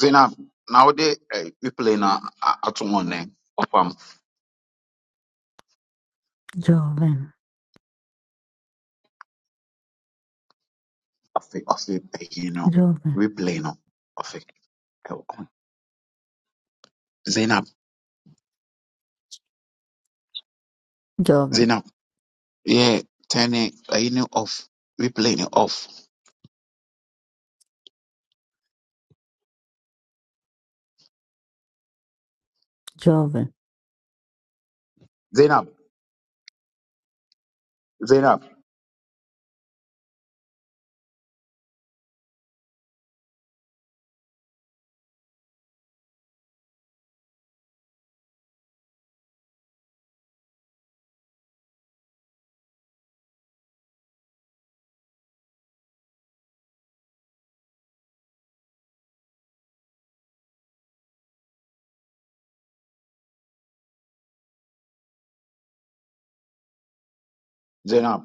Zainab, nowadays uh, we play na wode eh, replay no a- ato hɔ nɛ ɔfam Joven, afe ɔfe ɛyi no joven, replay no ɔfe ɛwɔ hɔ. Zainab, joven, Zainab, yeah, turn it ɛyi no off, replay no off. joven, Zainab, Zainab, Zainab,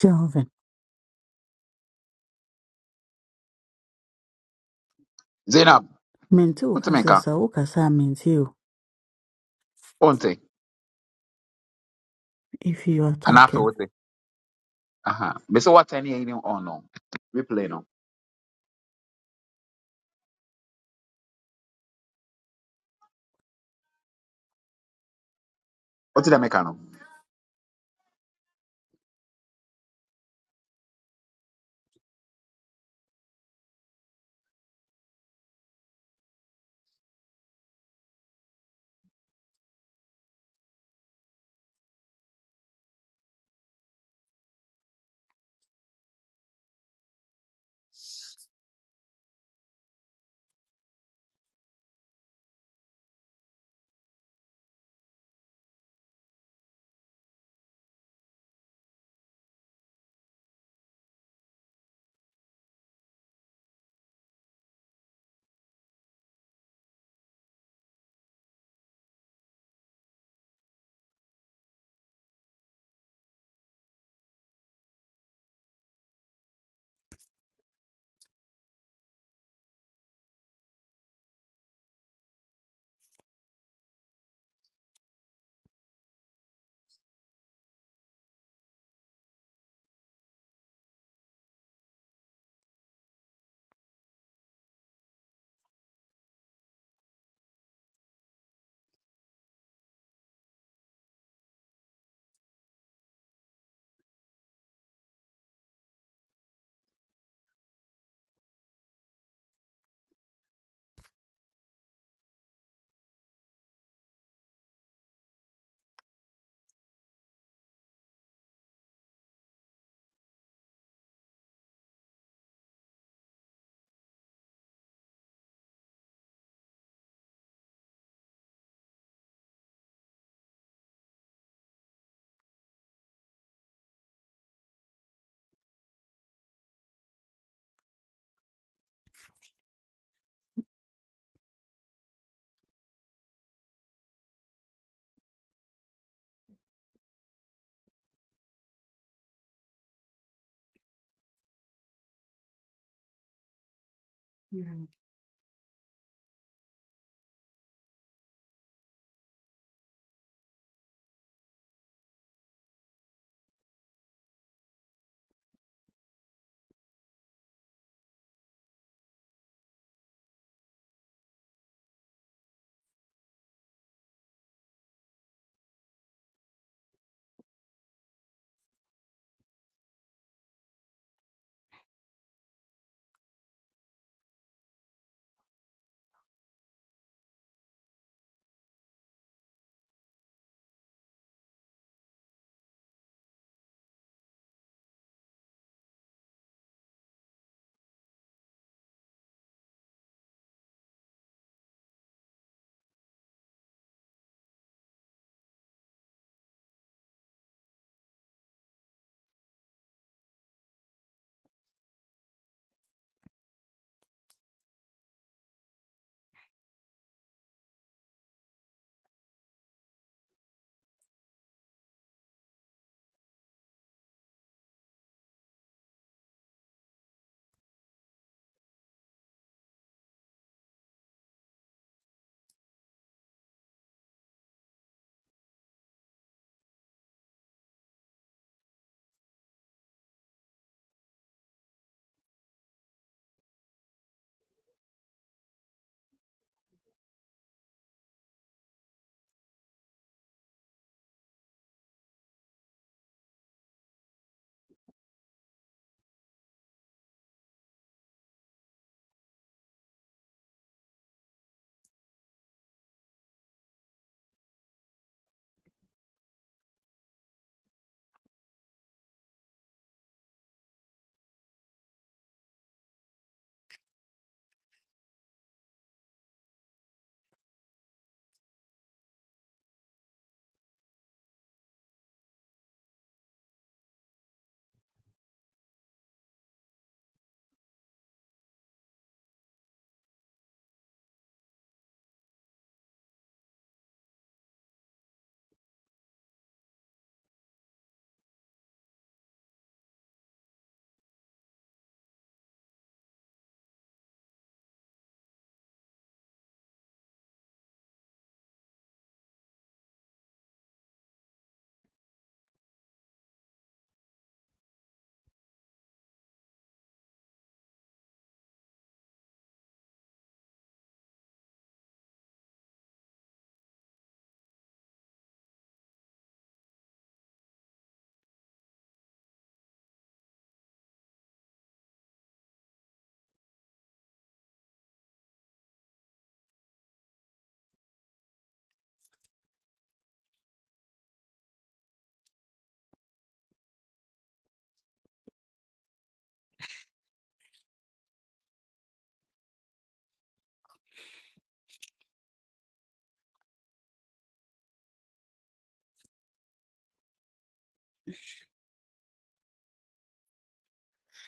joven. Zainab, Menti wote me nka, ukasisa ukasa menti o wonte if you are anaa afe talking. wote. Aha, bese what turn ɛyi no on no, We play no. Wote dɛ meka no. Mm.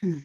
Hmm.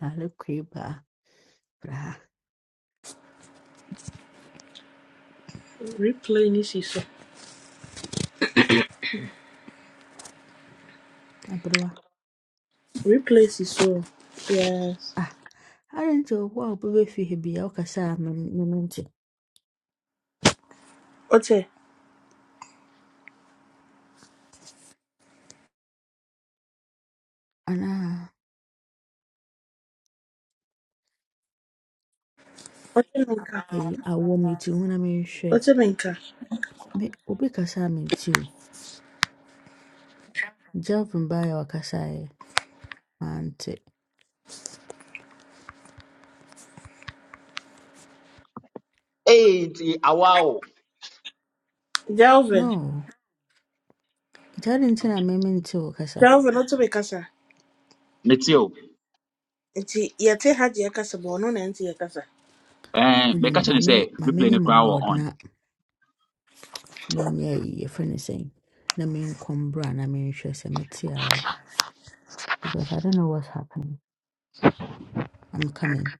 Lale kriba, bra, Replay ni siso. Abroa. Replay siso. Yes. Ah, aren't you wow bebe fi hebi ya ukasa menti. Ote. Ana, Ote menka. eh, awo menti una me shwe. Ote menka. Me, ubi kasa menti o. Joven baya wakasa e, mante. Ee, nti awa o. Delvin. No, jari ntina me menti ukasa. Delvin ote bekasa. Mete o, Nti yɛte ha deɛ kasa bɔ ɔno na nti yɛkasa. ɛɛn, Uli mɛka kyerɛ ne sɛ mame, mame replay nye no koraa wɔ on. mumod menyɛ yie fɛ no sɛn na menkɔ mbra na menhwɛ sɛ mete awae because I don't know what's happening. I'm coming.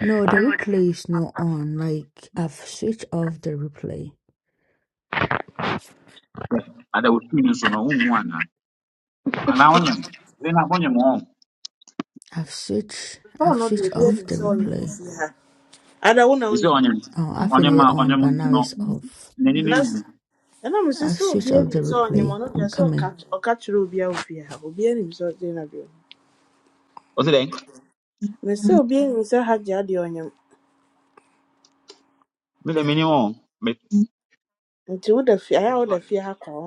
No, the replay is not on. Like I've switched off the replay. Yes, Ada wo screen no so no, one. na onyem, m dị na onye m ọ I've switched Ɔn I've no deɛ switched obi off anim the sɛ ɔnyim wɔ replay. fie ha. Ada wo na isi wonim. onye Oh, m I've onye been ma it onye on m but now ntino it's off. neni ni Na mu s- ɛnam sɛ I've sɛ switched obi off anim the sɛ ɔnyim replay. ɔno deɛ I'm sɛ ɔka coming. ɔka kyerɛ obi a ofie ha. Obi anim sɛ ɔgye na deɛ. ozi den Me sɛ obi anim sɛ ha deɛ adeɛ ɔnyim. mi le mini on me Nti woda fie ayɛ a woda fie ha kɔ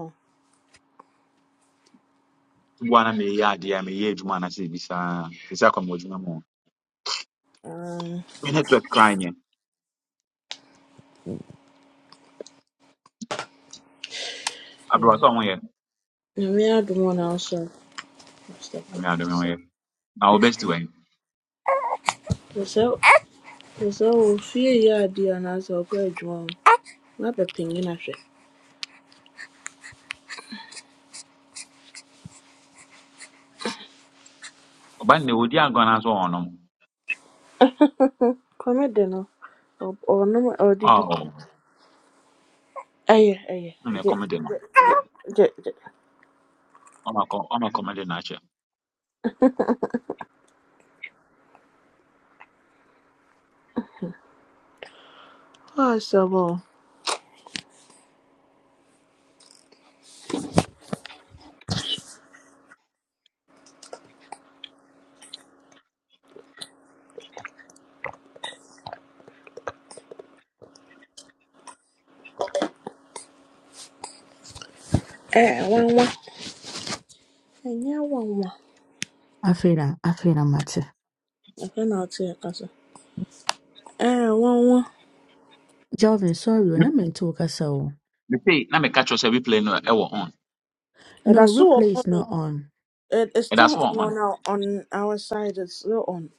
bwana me ya dia me ye juma na se bisa bisa kwa mo juma mo hɔ. me network cry nye abro so mo ye Nyame adom wo na so. na me ado me So ye na o best way Sɛ sɛ sɛ sɛ wo fie yɛ adeɛ anaasɛ ɔkɔ adwuma mu na bɛpanyin ahwɛ. oba ne odi agona so ono Kwame de no, or did he? oh Aye, aye, ɔ- ɔnom a ɔdidi. Ɛyɛ ɛyɛ na gye comedy no gye gye gye. Oma ko oma ma comedy na che Ɔasɛm o. Ɛɛ nwanwa. Ɛnyɛ nwanwa. Afina, Afina Mate. Afei na ɔte ɛka so. Ɛɛ nwanwa. Jordan, sorry, me when I meant to so me say na me catch yourself we play no e wo on Ɛda no so wɔ replay is on o. not on. It, it's and still that's what on on on our, on our side. It's still on.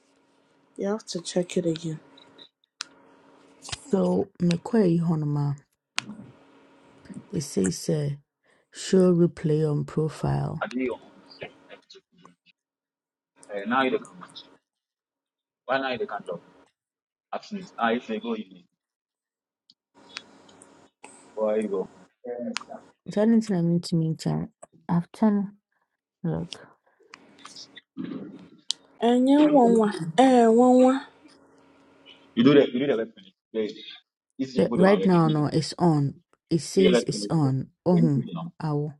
You have to check it again. So me McQuay Honoma. It says uh, show replay on profile. I did on Wednesday. Uh, now you can match. Why now you can't job? Ah, if they go, you need. Where you go? Yes, sir. The only thing I mean to me, Jan, I've turned look. Ɛnyɛ nwanwa. Ɛɛ nwanwa. You do the you do the left finish. The easy to Yeah, put them away. right now, You no, it's on. It do the says left it's finish. on. Then Oh, you see them. ow.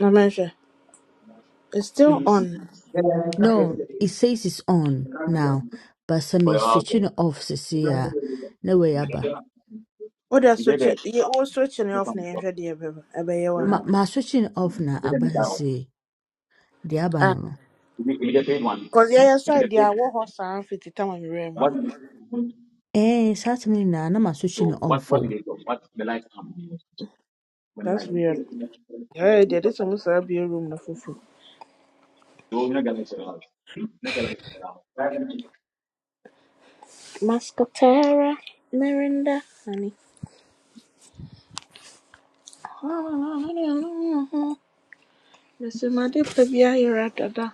Na mɛhwɛ. It's You still on. see see. No, it says it's on now. But some For your is house switching there. it off, Is see uh No way, it Abba. What are You did switching? the paper. you we're switching This off now. one I'm job. sure the you This Ma, ever one job. ma switching it off now, Let them be Abba, down. see. The Abba, no, Ah, no. If you if you paid one, cause yeah, yes, if you I paid did. I walk horse and fifty time I'm wearing one, what? more. Eh, certainly now, no, ma switching So it what off, what did they do? What the lights come when That's weird. Yeah, yeah, this almost light? a beer room na fufu. Mascotera, Mirinda, honey. Mr. Madi Pabia, you're at Dada.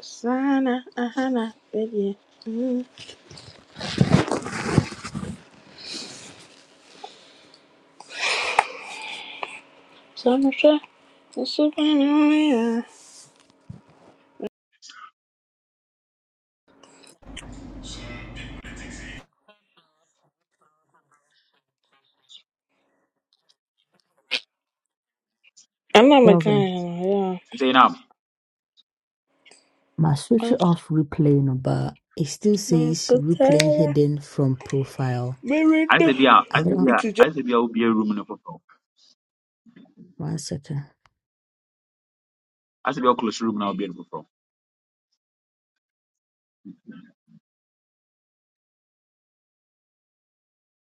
Sana, Ahana, baby. Mm, Samusha, Mr. Mania. I'm not oh. McCann, Nti na, My switch yeah. off replay number. it still Mas- says replay Mascotera, hidden from profile. ayɛ Mirinda. sɛ bi a I ayɛ sɛ bi don't a It's a ayɛ will be a room no foforɔ. one second. Ayɛ I bi a woclose room now. wobue no foforɔ.